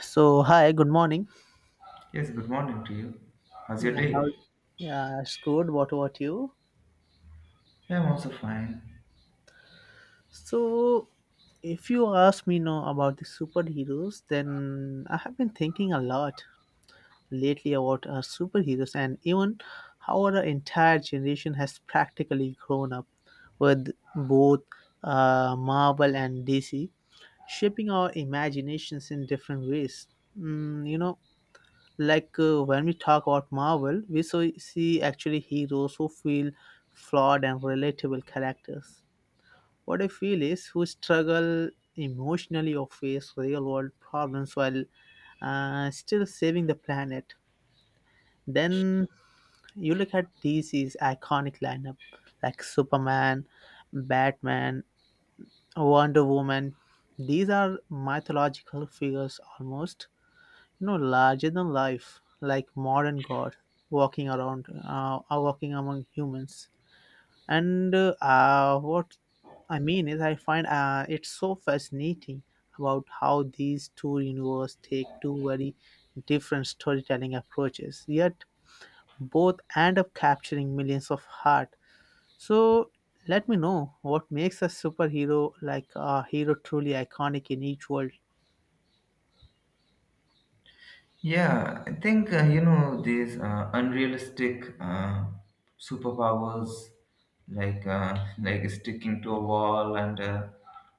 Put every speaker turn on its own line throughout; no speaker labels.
So hi, good morning.
Yes, good morning to you. How's your
Yeah,
day?
how, yeah, it's good. What about you?
Yeah, I'm also fine.
So, if you ask me now about the superheroes, then I have been thinking a lot lately about superheroes and even how our entire generation has practically grown up with both Marvel and DC, shaping our imaginations in different ways. Mm, you know, when we talk about Marvel we so see actually heroes who feel flawed and relatable characters, what I feel is, who struggle emotionally or face real world problems while still saving the planet. Then you look at DC's iconic lineup like Superman, Batman, Wonder Woman. These are mythological figures almost, you know, larger than life, like modern god walking around, walking among humans. And what I mean is, I find it's so fascinating about how these two universes take two very different storytelling approaches, yet both end up capturing millions of hearts. So let me know what makes a superhero like a hero truly iconic in each world.
Yeah, I think you know these unrealistic superpowers, like like sticking to a wall and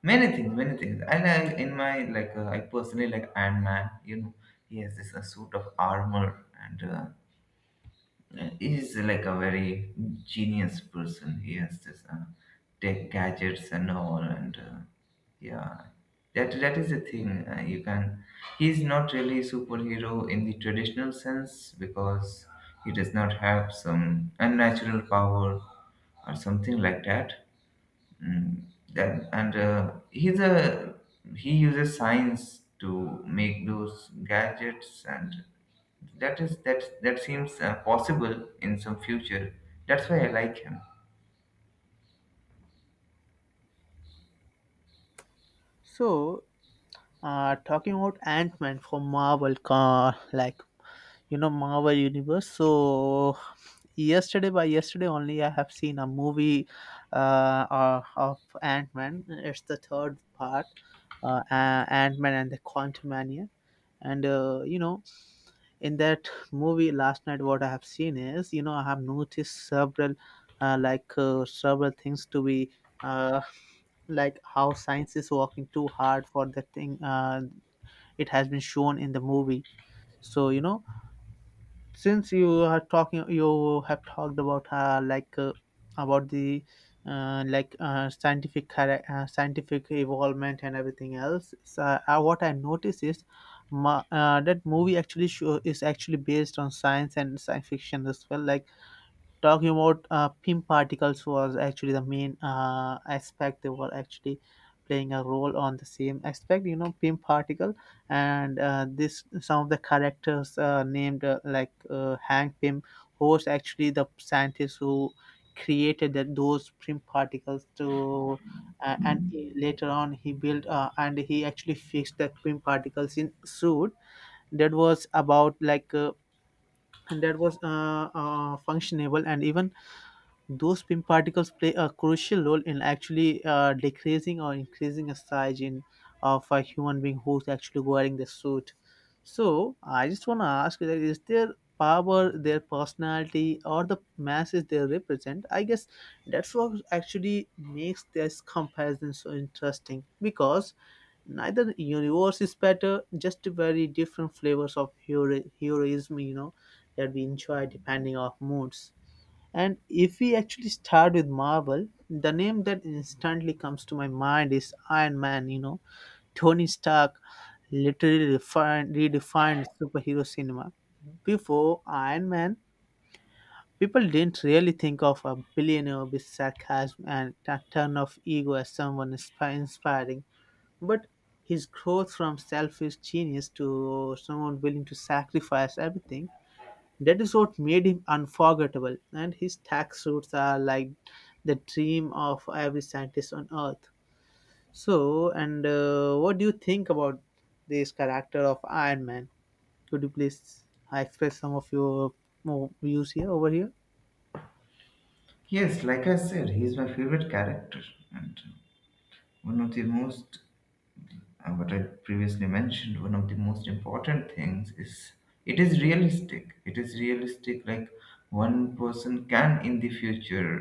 many things, many things. I like in my like I personally like Ant Man. You know, he has this suit of armor and he's like a very genius person. He has this tech gadgets and all, and yeah, that is the thing. You can. He's not really a superhero in the traditional sense because he does not have some unnatural power or something like that. Mm, and he uses science to make those gadgets, and that is that that seems possible in some future. That's why I like him.
So Talking about Ant-Man from Marvel, like you know, Marvel Universe. So yesterday, by yesterday only, I have seen a movie of Ant-Man. It's the third part, Ant-Man and the Quantumania. And you know, in that movie last night, what I have seen is, you know, I have noticed several, several things to be. Uh, like how science is working too hard for the thing, it has been shown in the movie. So you know, since you are talking, you have talked about about the scientific scientific evolvement and everything else, so what I notice is, that movie actually show, is actually based on science and science fiction as well. Like, talking about pim particles was actually the main aspect. They were actually playing a role on the same aspect, you know, pim particle. And this, some of the characters named like Hank Pym, who was actually the scientist who created that those pim particles to later on, he built and he actually fixed the pim particles in suit. That was about like and that was functionable, and even those pin particles play a crucial role in actually decreasing or increasing the size in, of a human being who's actually wearing the suit. So I just want to ask you, that is their power, their personality, or the masses they represent? I guess that's what actually makes this comparison so interesting, because neither universe is better, just very different flavors of heroism, you know, that we enjoy depending on moods. And if we actually start with Marvel, the name that instantly comes to my mind is Iron Man, you know. Tony Stark literally redefined superhero cinema. Before Iron Man, people didn't really think of a billionaire with sarcasm and a ton of ego as someone inspiring. But his growth from selfish genius to someone willing to sacrifice everything, that is what made him unforgettable, and his tax suits are like the dream of every scientist on Earth. So, and what do you think about this character of Iron Man? Could you please express some of your more views here over here?
Yes, like I said, he's my favorite character, and one of the most what I previously mentioned one of the most important things is it is realistic. It is realistic. Like one person can in the future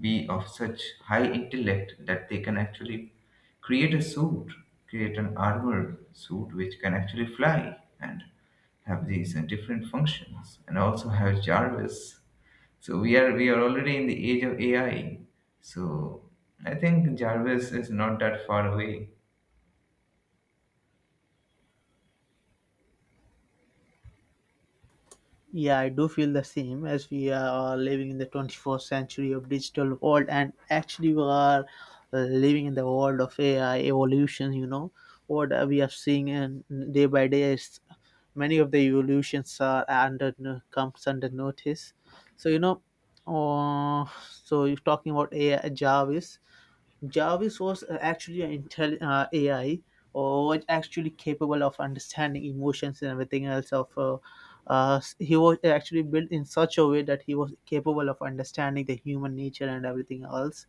be of such high intellect that they can actually create a suit, create an armor suit which can actually fly and have these different functions, and also have Jarvis. So we are already in the age of AI. So I think Jarvis is not that far away.
Yeah, I do feel the same, as we are living in the 21st century of digital world, and actually we are living in the world of AI evolution. You know what we are seeing, and day by day is, many of the evolutions are under comes under notice. So you know, uh, so you're talking about AI, Jarvis. Jarvis was actually an AI, or was actually capable of understanding emotions and everything else. Of he was actually built in such a way that he was capable of understanding the human nature and everything else,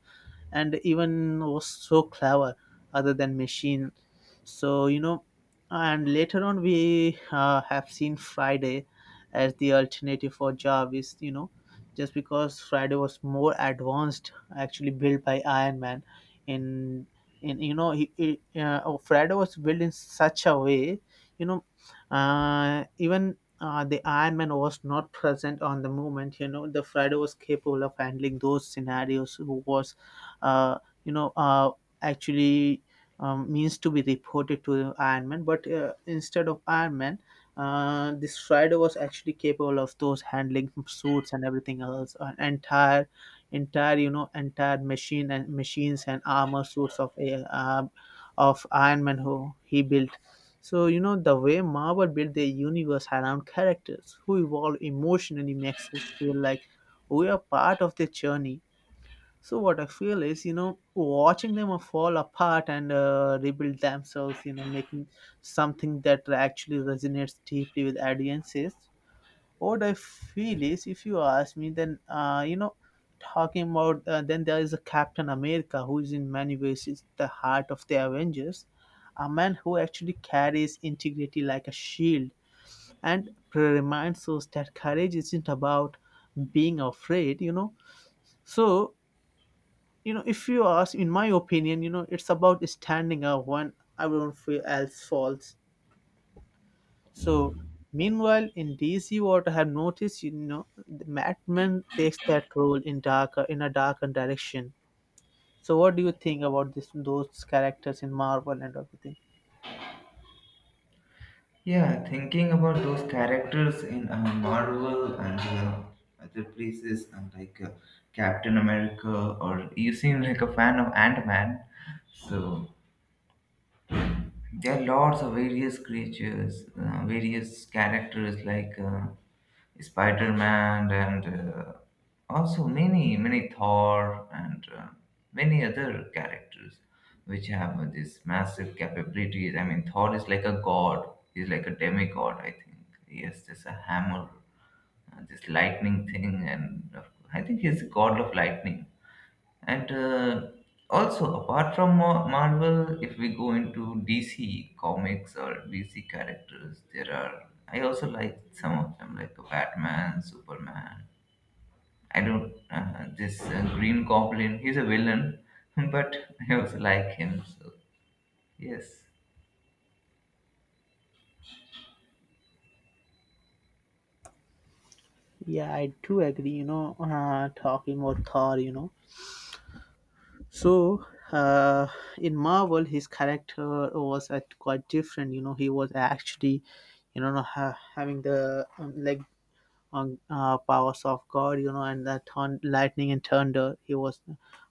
and even was so clever, other than machine. So you know, and later on we have seen Friday as the alternative for Jarvis, you know, just because Friday was more advanced, actually built by Iron Man. In in you know, oh, Friday was built in such a way, you know, even the Iron Man was not present on the moment. You know, the Friday was capable of handling those scenarios, who was uh, you know, uh, actually means to be reported to Iron Man. But instead of Iron Man, this Strider was actually capable of those handling suits and everything else, an entire, entire you know, entire machine and machines and armor suits of of Iron Man who he built. So you know, the way Marvel built their universe around characters who evolve emotionally makes us feel like we are part of their journey. So what I feel is, you know, watching them fall apart and rebuild themselves, you know, making something that actually resonates deeply with audiences. What I feel is, if you ask me, then you know, talking about then there is a Captain America who is in many ways is the heart of the Avengers, a man who actually carries integrity like a shield and reminds us that courage isn't about being afraid, you know. So you know, if you ask in my opinion, you know, it's about standing up when everyone else falls. So meanwhile in DC, what I have noticed, you know, the madman takes that role in darker in a darker direction. So what do you think about this, those characters in Marvel and everything?
Yeah, thinking about those characters in Marvel and other places, and like Captain America, or you seem like a fan of Ant Man. So there are lots of various creatures, various characters like Spider-Man and also many, many Thor and many other characters which have this massive capabilities. I mean, Thor is like a god. He's like a demigod, I think. He has this a hammer, this lightning thing, and I think he's the god of lightning. And also, apart from Marvel, if we go into DC comics or DC characters, there are. I also like some of them, like Batman, Superman. I don't. This Green Goblin, he's a villain, but I also like him. So yes.
Yeah, I do agree, you know, talking about Thor, you know. So, uh, in Marvel, his character was quite different. You know, he was actually, you know, having the powers of God, you know, and that lightning and thunder. He was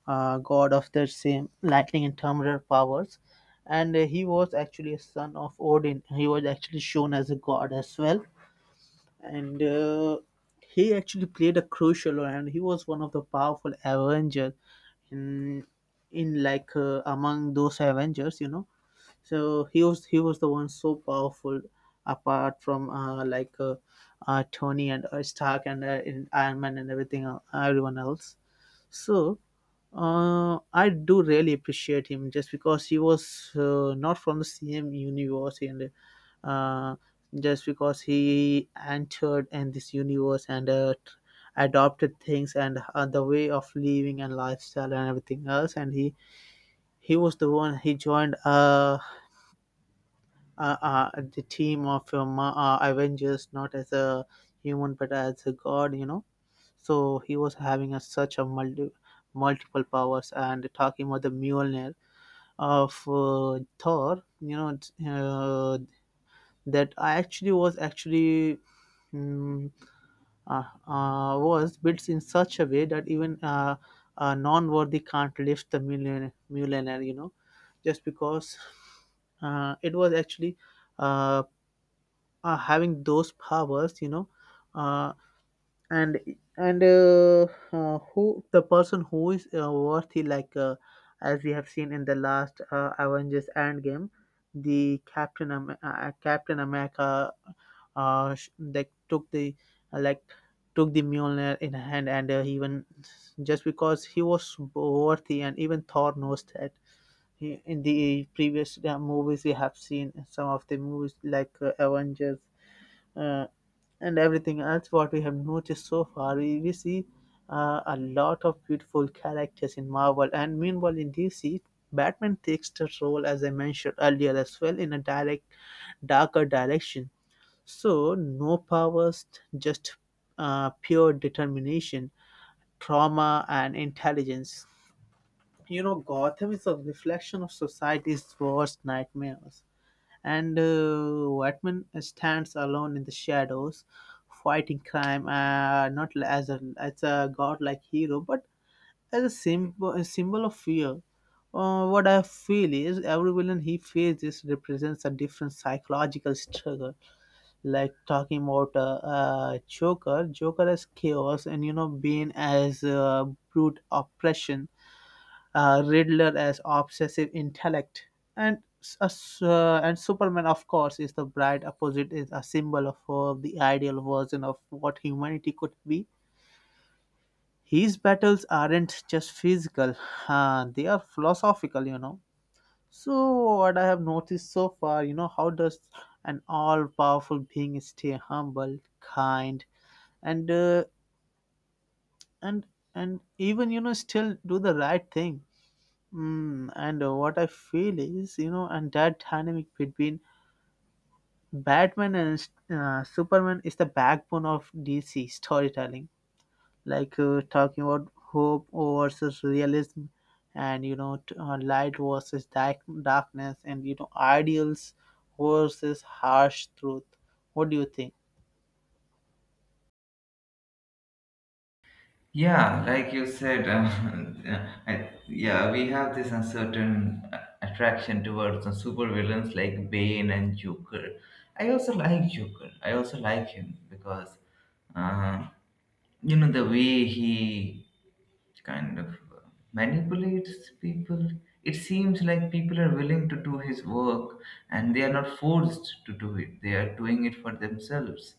god of the same lightning and thunder powers, and he was actually a son of Odin. He was actually shown as a god as well, and. He actually played a crucial role and he was one of the powerful Avengers in in like among those Avengers, you know. So he was the one so powerful, apart from Tony and Stark and in Iron Man and everyone else. So I do really appreciate him, just because he was not from the same universe and uh, just because he entered in this universe and adopted things and the way of living and lifestyle and everything else, and he was the one. He joined the team of Avengers, not as a human but as a god, you know. So he was having a, such a multiple powers, and talking about the Mjolnir of Thor, you know, that I actually was actually, mm, uh, was built in such a way that even a non-worthy can't lift the millionaire, you know, just because it was actually uh, having those powers, you know, uh, and and who the person who is worthy, like as we have seen in the last Avengers Endgame, Captain America like took the uh, like took the Mjolnir in hand, and even just because he was worthy, and even Thor knows that. He, in the previous movies, we have seen some of the movies like Avengers uh, and everything else, what we have noticed so far, we see a lot of beautiful characters in Marvel, and meanwhile in DC, Batman takes the role, as I mentioned earlier as well, in a direct darker direction. So no powers, just pure determination, trauma and intelligence. You know, Gotham is a reflection of society's worst nightmares, and Batman stands alone in the shadows, fighting crime. Not as a godlike hero, but as a symbol of fear. What I feel is every villain he faces represents a different psychological struggle. Like talking about Joker as chaos, and you know, being as brute oppression, Riddler as obsessive intellect, and s- a s- and Superman, of course, is the bright opposite, is a symbol of the ideal version of what humanity could be. His battles aren't just physical; they are philosophical, you know. So what I have noticed so far, you know, how does an all-powerful being stay humble, kind, and uh, and and even, you know, still do the right thing? Mm, and What I feel is, you know, and that dynamic between Batman and Superman is the backbone of DC storytelling. Like talking about hope versus realism, and light versus darkness, and ideals versus harsh truth. What do you think?
Yeah, like you said, yeah, we have this uncertain attraction towards the supervillains like Bane and Joker. I also like Joker. I also like him because, uh, you know, the way he it kind of manipulates people. It seems like people are willing to do his work, and they are not forced to do it; they are doing it for themselves.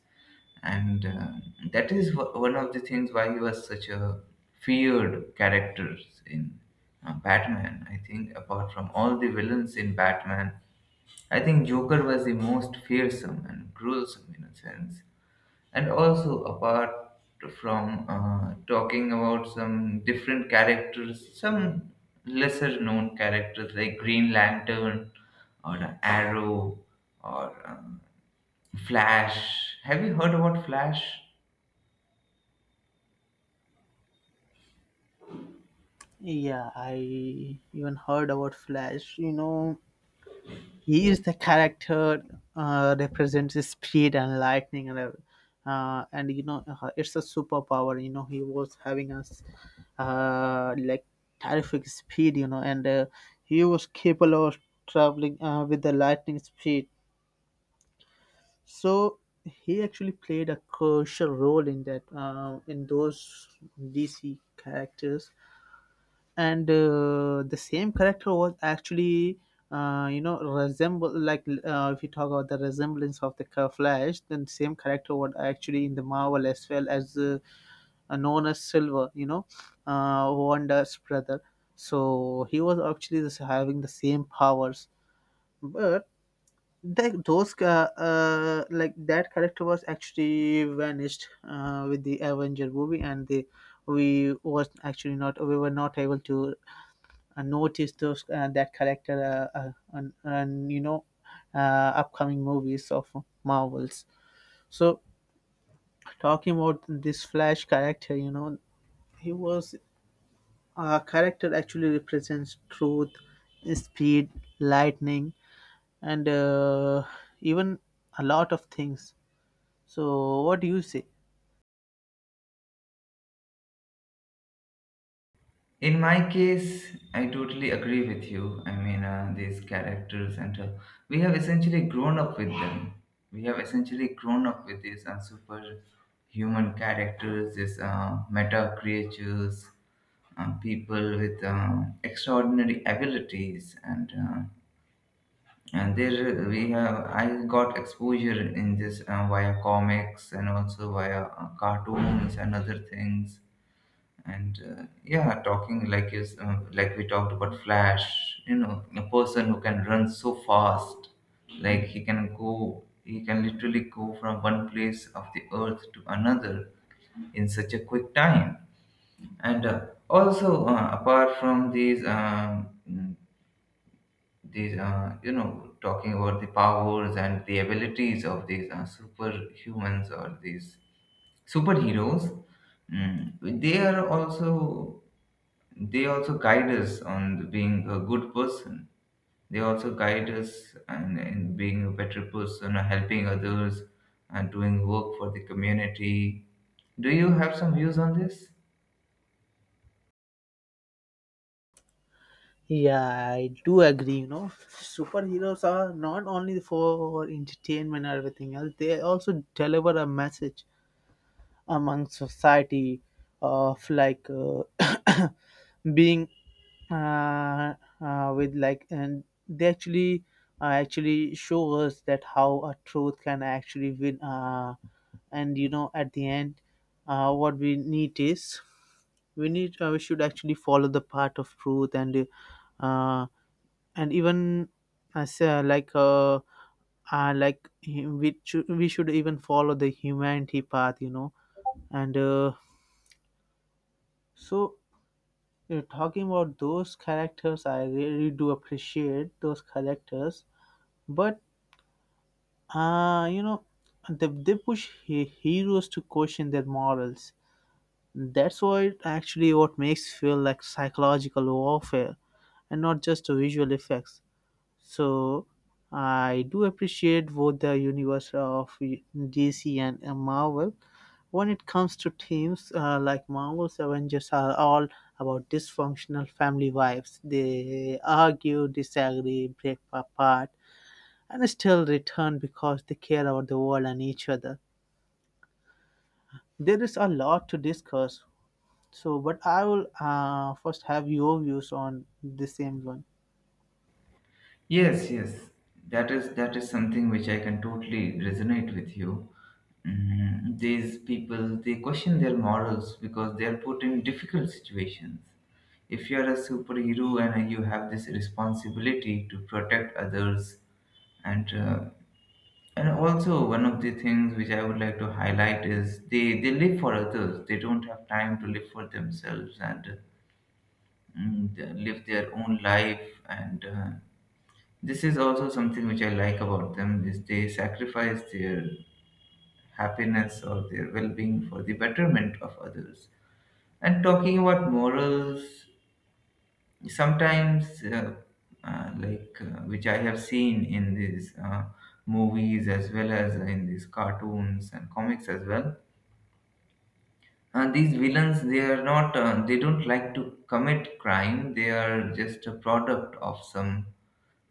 And that one of the things why he was such a feared character in Batman. I think, apart from all the villains in Batman, I think Joker was the most fearsome and gruesome in a sense. And also, apart from talking about some different characters, some lesser known characters like Green Lantern or Arrow or Flash. Have you heard about Flash?
Yeah, I even heard about Flash. You know, he is the character represents his speed and lightning and and it's a superpower he was having us like terrific speed and he was capable of traveling with the lightning speed so he actually played a crucial role in that in those DC characters and the same character was actually you know resemble if you talk about the resemblance of the flash, then same character was actually in the marvel as well as known as silver, you know, wanda's brother. So he was actually just having the same powers, but that like that character was actually vanished with the avenger movie and the we were not able to notice those that character and you know upcoming movies of Marvels. So talking about this Flash character, you know, he was a character actually represents truth, speed, lightning, and even a lot of things. So what do you say?
In my case, I totally agree with you. I mean, these characters, and we have essentially grown up with them. We have essentially grown up with these superhuman characters, these meta creatures, people with extraordinary abilities, and there we have. I got exposure in this via comics and also via cartoons and other things. And yeah, talking like is like we talked about Flash, you know, a person who can run so fast, like he can go, he can literally go from one place of the earth to another in such a quick time. And also apart from these these you know, talking about the powers and the abilities of these superhumans or these superheroes, they are also, they also guide us on being a good person. They also guide us and in being a better person, or helping others, and doing work for the community. Do you have some views on this?
Yeah, I do agree. You know, superheroes are not only for entertainment and everything else; they also deliver a message among society of being uh, with like, and they actually actually show us that how a truth can actually win, and you know at the end what we need is we should actually follow the path of truth uh, and even as like we should, even follow the humanity path, you know, and so, talking about those characters, I really do appreciate those characters. But you know, they push heroes to question their morals. That's what actually what makes feel like psychological warfare, and not just visual effects. So I do appreciate both the universe of DC and Marvel. When it comes to teams like Marvel's Avengers are all about dysfunctional family wives. They argue, disagree, break apart, and still return because they care about the world and each other. There is a lot to discuss. So, but I will first have your views on the same one.
Yes, yes, that is something which I can totally resonate with you. Mm, these people, they question their morals because they are put in difficult situations. If you are a superhero and you have this responsibility to protect others, and uh, and also, one of the things which I would like to highlight is they live for others. They don't have time to live for themselves and live their own life and. This is also something which I like about them is they sacrifice their happiness or their well-being for the betterment of others. And talking about morals, sometimes which I have seen in these movies as well as in these cartoons and comics as well. These villains, they are not, they don't like to commit crime. They are just a product of some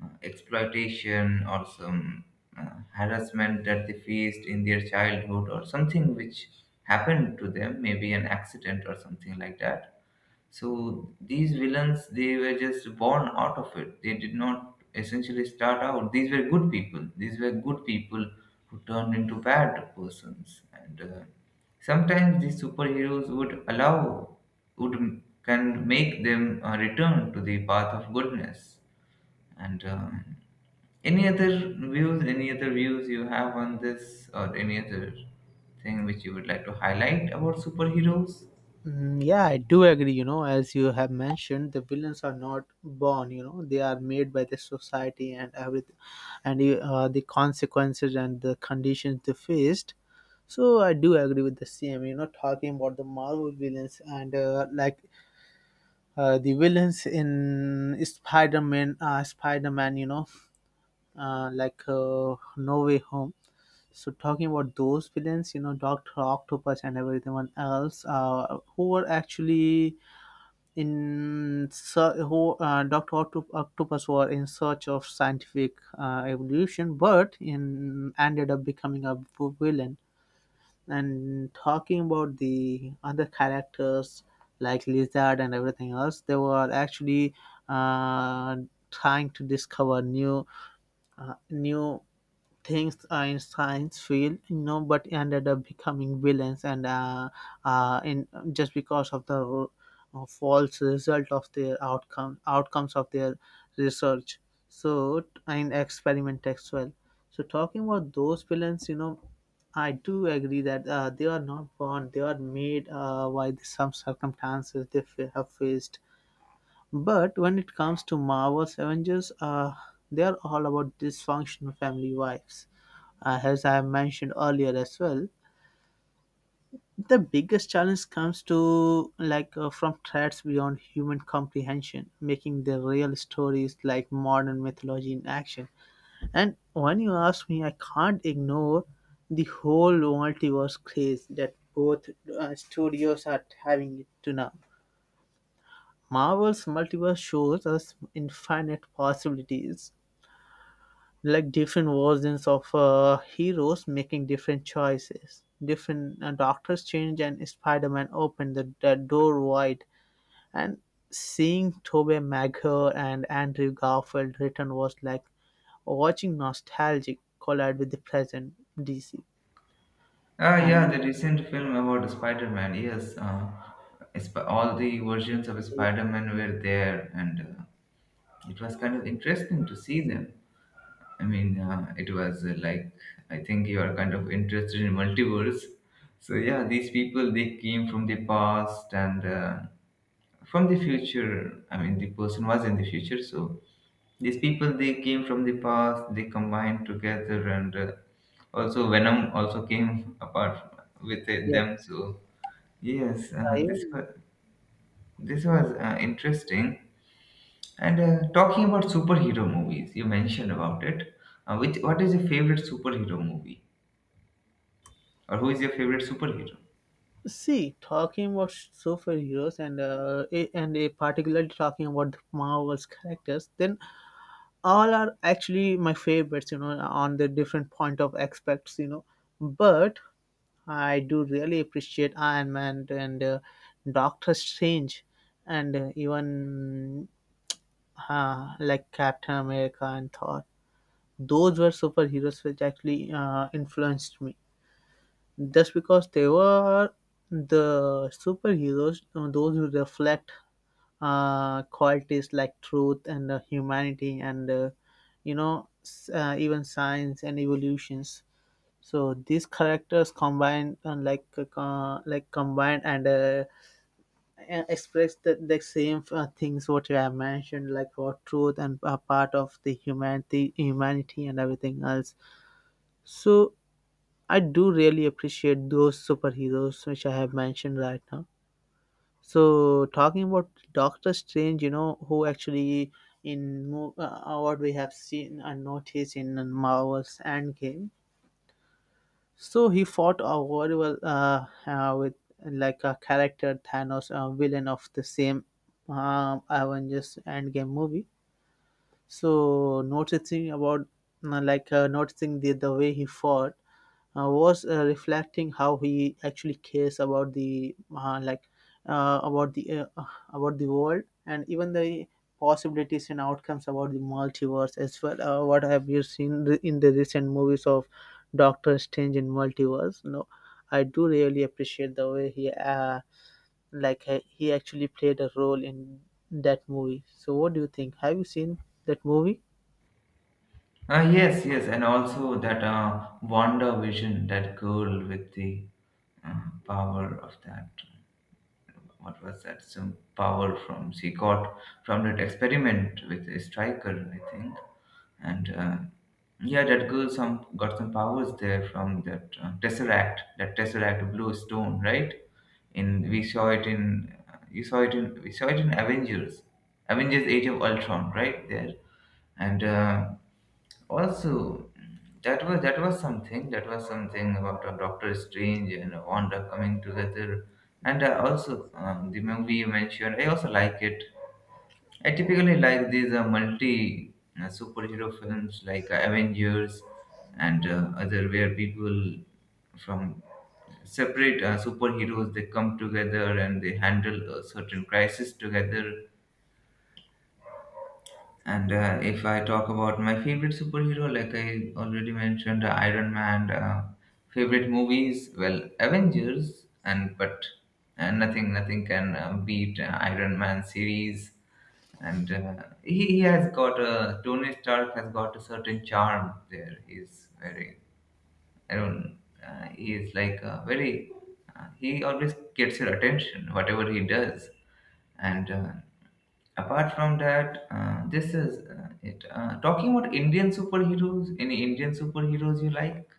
exploitation or some harassment that they faced in their childhood, or something which happened to them, maybe an accident or something like that. So these villains, they were just born out of it. They did not essentially start out. These were good people. These were good people who turned into bad persons. And sometimes these superheroes would allow would can make them return to the path of goodness. And any other views you have on this, or any other thing which you would like to highlight about superheroes?
Mm, yeah, I do agree. You know, as you have mentioned, the villains are not born. You know, they are made by the society and everything, and the consequences and the conditions they faced. So I do agree with the same. You know, talking about the Marvel villains and the villains in Spider-Man, Spider-Man. You know, No Way Home. So talking about those villains, you know, Doctor Octopus and everyone else, who were actually in ser- who Doctor Octopus were in search of scientific evolution, but in ended up becoming a villain. And talking about the other characters like Lizard and everything else, they were actually uh, trying to discover new things Einstein's field, you know, but ended up becoming villains and in just because of the false result of their outcome outcomes of their research. So and experiment as well. So talking about those villains, you know, I do agree that they are not born; they are made by the some circumstances they have faced, but when it comes to Marvel's Avengers, they are all about dysfunctional family wives. As I mentioned earlier as well, the biggest challenge comes to from threats beyond human comprehension, making the real stories like modern mythology in action. And when you ask me, I can't ignore the whole multiverse craze that both studios are having it to now. Marvel's multiverse shows us infinite possibilities, like different versions of heroes making different choices. Different Doctors Change and Spider-Man opened the door wide, and seeing Tobey Maguire and Andrew Garfield return was like watching nostalgic collide with the present DC.
Ah, yeah, the
And
recent film about Spider-Man. Yes, all the versions of
yeah,
Spider-Man were there, and it was kind of interesting to see them. I mean, it was like I think you are kind of interested in multiverse. So yeah, these people, they came from the past, and from the future. I mean, the person was in the future. So these people, they came from the past, they combined together, and also Venom also came apart with
yeah,
them. So yes, this
I
was, interesting. And talking about superhero movies, you mentioned about it. Which what is your favorite superhero movie, or who is your favorite superhero?
see, talking about superheroes and and a particularly talking about the Marvel's characters, then all are actually my favorites. You know, on the different point of aspects. You know, but I do really appreciate Iron Man and Doctor Strange, and even like Captain America and Thor. Those were superheroes which actually influenced me just because they were the superheroes, those who reflect qualities like truth and humanity and you know even science and evolutions. So these characters combined combined and express the same things what you have mentioned like about truth and a part of the humanity and everything else. So I do really appreciate those superheroes which I have mentioned right now. So talking about Doctor Strange, you know, who actually what we have seen and noticed in Marvel's Endgame, so he fought a very well with like a character Thanos, a villain of the same Avengers Endgame movie. So noticing about noticing the way he fought was reflecting how he actually cares about the uh, about the uh, uh, about the world and even the possibilities and outcomes about the multiverse as well. What have you seen in the recent movies of Doctor Strange in multiverse? No, I do really appreciate the way he like he actually played a role in that movie. So what do you think? Have you seen that movie?
Yes, yes, and also that wonder vision, that girl with the uh, power of that. What was that? Some power from she got from that experiment with a striker, I think. And yeah, that girl some got some powers there from that tesseract, that tesseract blue stone, right? In we saw it in you saw it in we saw it in Avengers, Avengers Age of Ultron, right there. And also, that was something. That was something about Doctor Strange and Wanda coming together. And I also the movie you mentioned, I also like it. I typically like these multi superhero films like Avengers and other where people from separate superheroes, they come together and they handle a certain crisis together. And if I talk about my favorite superhero, like I already mentioned, Iron Man. Favorite movies, well, Avengers, and nothing, nothing can beat Iron Man series. And he has got a, Tony Stark has got a certain charm there. He's very I don't. He is like very. He always gets your attention, whatever he does. And apart from that, this is it. Talking about Indian superheroes, any Indian superheroes you like?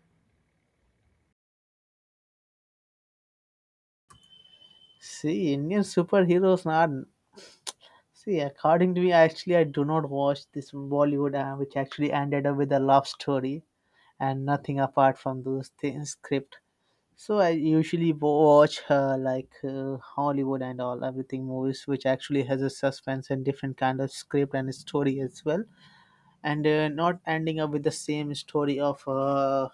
See, Indian superheroes are, see, according to me, actually, I do not watch this Bollywood, which actually ended up with a love story and nothing apart from those things script. So I usually watch Hollywood and all everything movies, which actually has a suspense and different kind of script and story as well, and not ending up with the same story of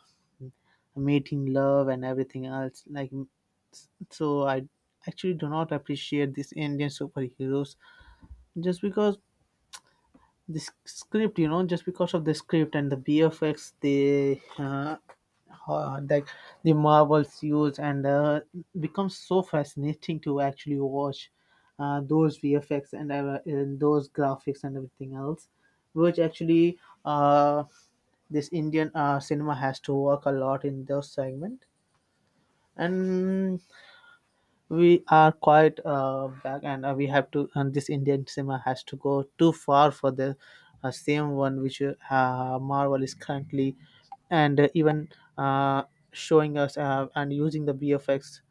meeting love and everything else. Like, so I actually do not appreciate these Indian superheroes just because the s- script you know just because of the script and the bfx they like the marvels use and becomes so fascinating to actually watch those vfx, and and those graphics and everything else which actually uh, this indian cinema has to work a lot in those segment, and we are quite back, and we have to and this indian cinema has to go too far for the same one which marvel is currently and even uh, showing us and using the bfx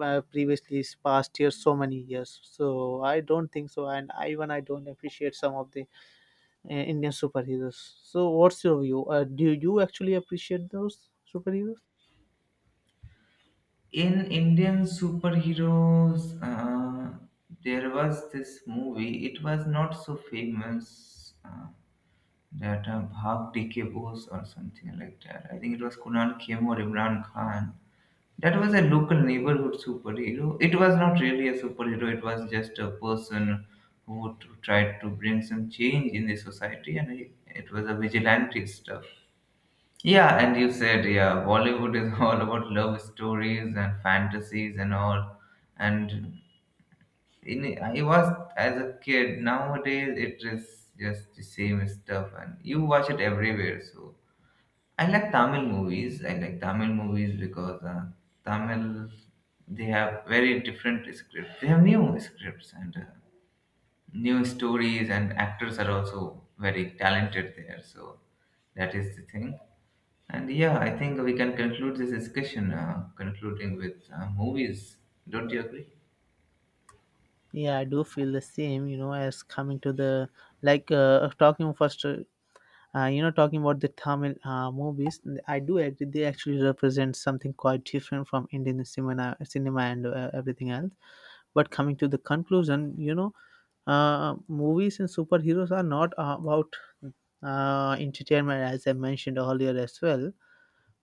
previously is past years so many years, so I don't think so, even I don't appreciate some of the indian superheroes. So what's your view? Do you actually appreciate those superheroes?
In Indian superheroes, there was this movie. It was not so famous. That Bhag DK Bose or something like that. I think it was Kunal Khem or Imran Khan. That was a local neighborhood superhero. It was not really a superhero. It was just a person who would try to bring some change in the society, and it was a vigilante stuff. Yeah, and you said, yeah, Bollywood is all about love stories and fantasies and all. And in, I was as a kid. Nowadays, it is just the same stuff, and you watch it everywhere. So I like Tamil movies. I like Tamil movies because Tamil, they have very different scripts. They have new scripts, and new stories, and actors are also very talented there. So that is the thing. And yeah, I think we can conclude this discussion, concluding with movies. Don't you agree?
Yeah, I do feel the same, you know, as coming to the talking first, you know, talking about the Tamil movies. I do agree they actually represent something quite different from Indian cinema and everything else. But coming to the conclusion, you know, movies and superheroes are not about entertainment, as I mentioned earlier as well.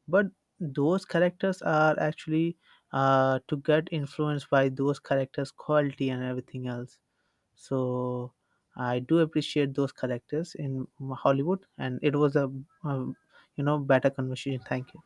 But those characters are actually to get influenced by those characters' quality and everything else, so I do appreciate those characters in Hollywood, and it was a, um, you know, better conversation. Thank you.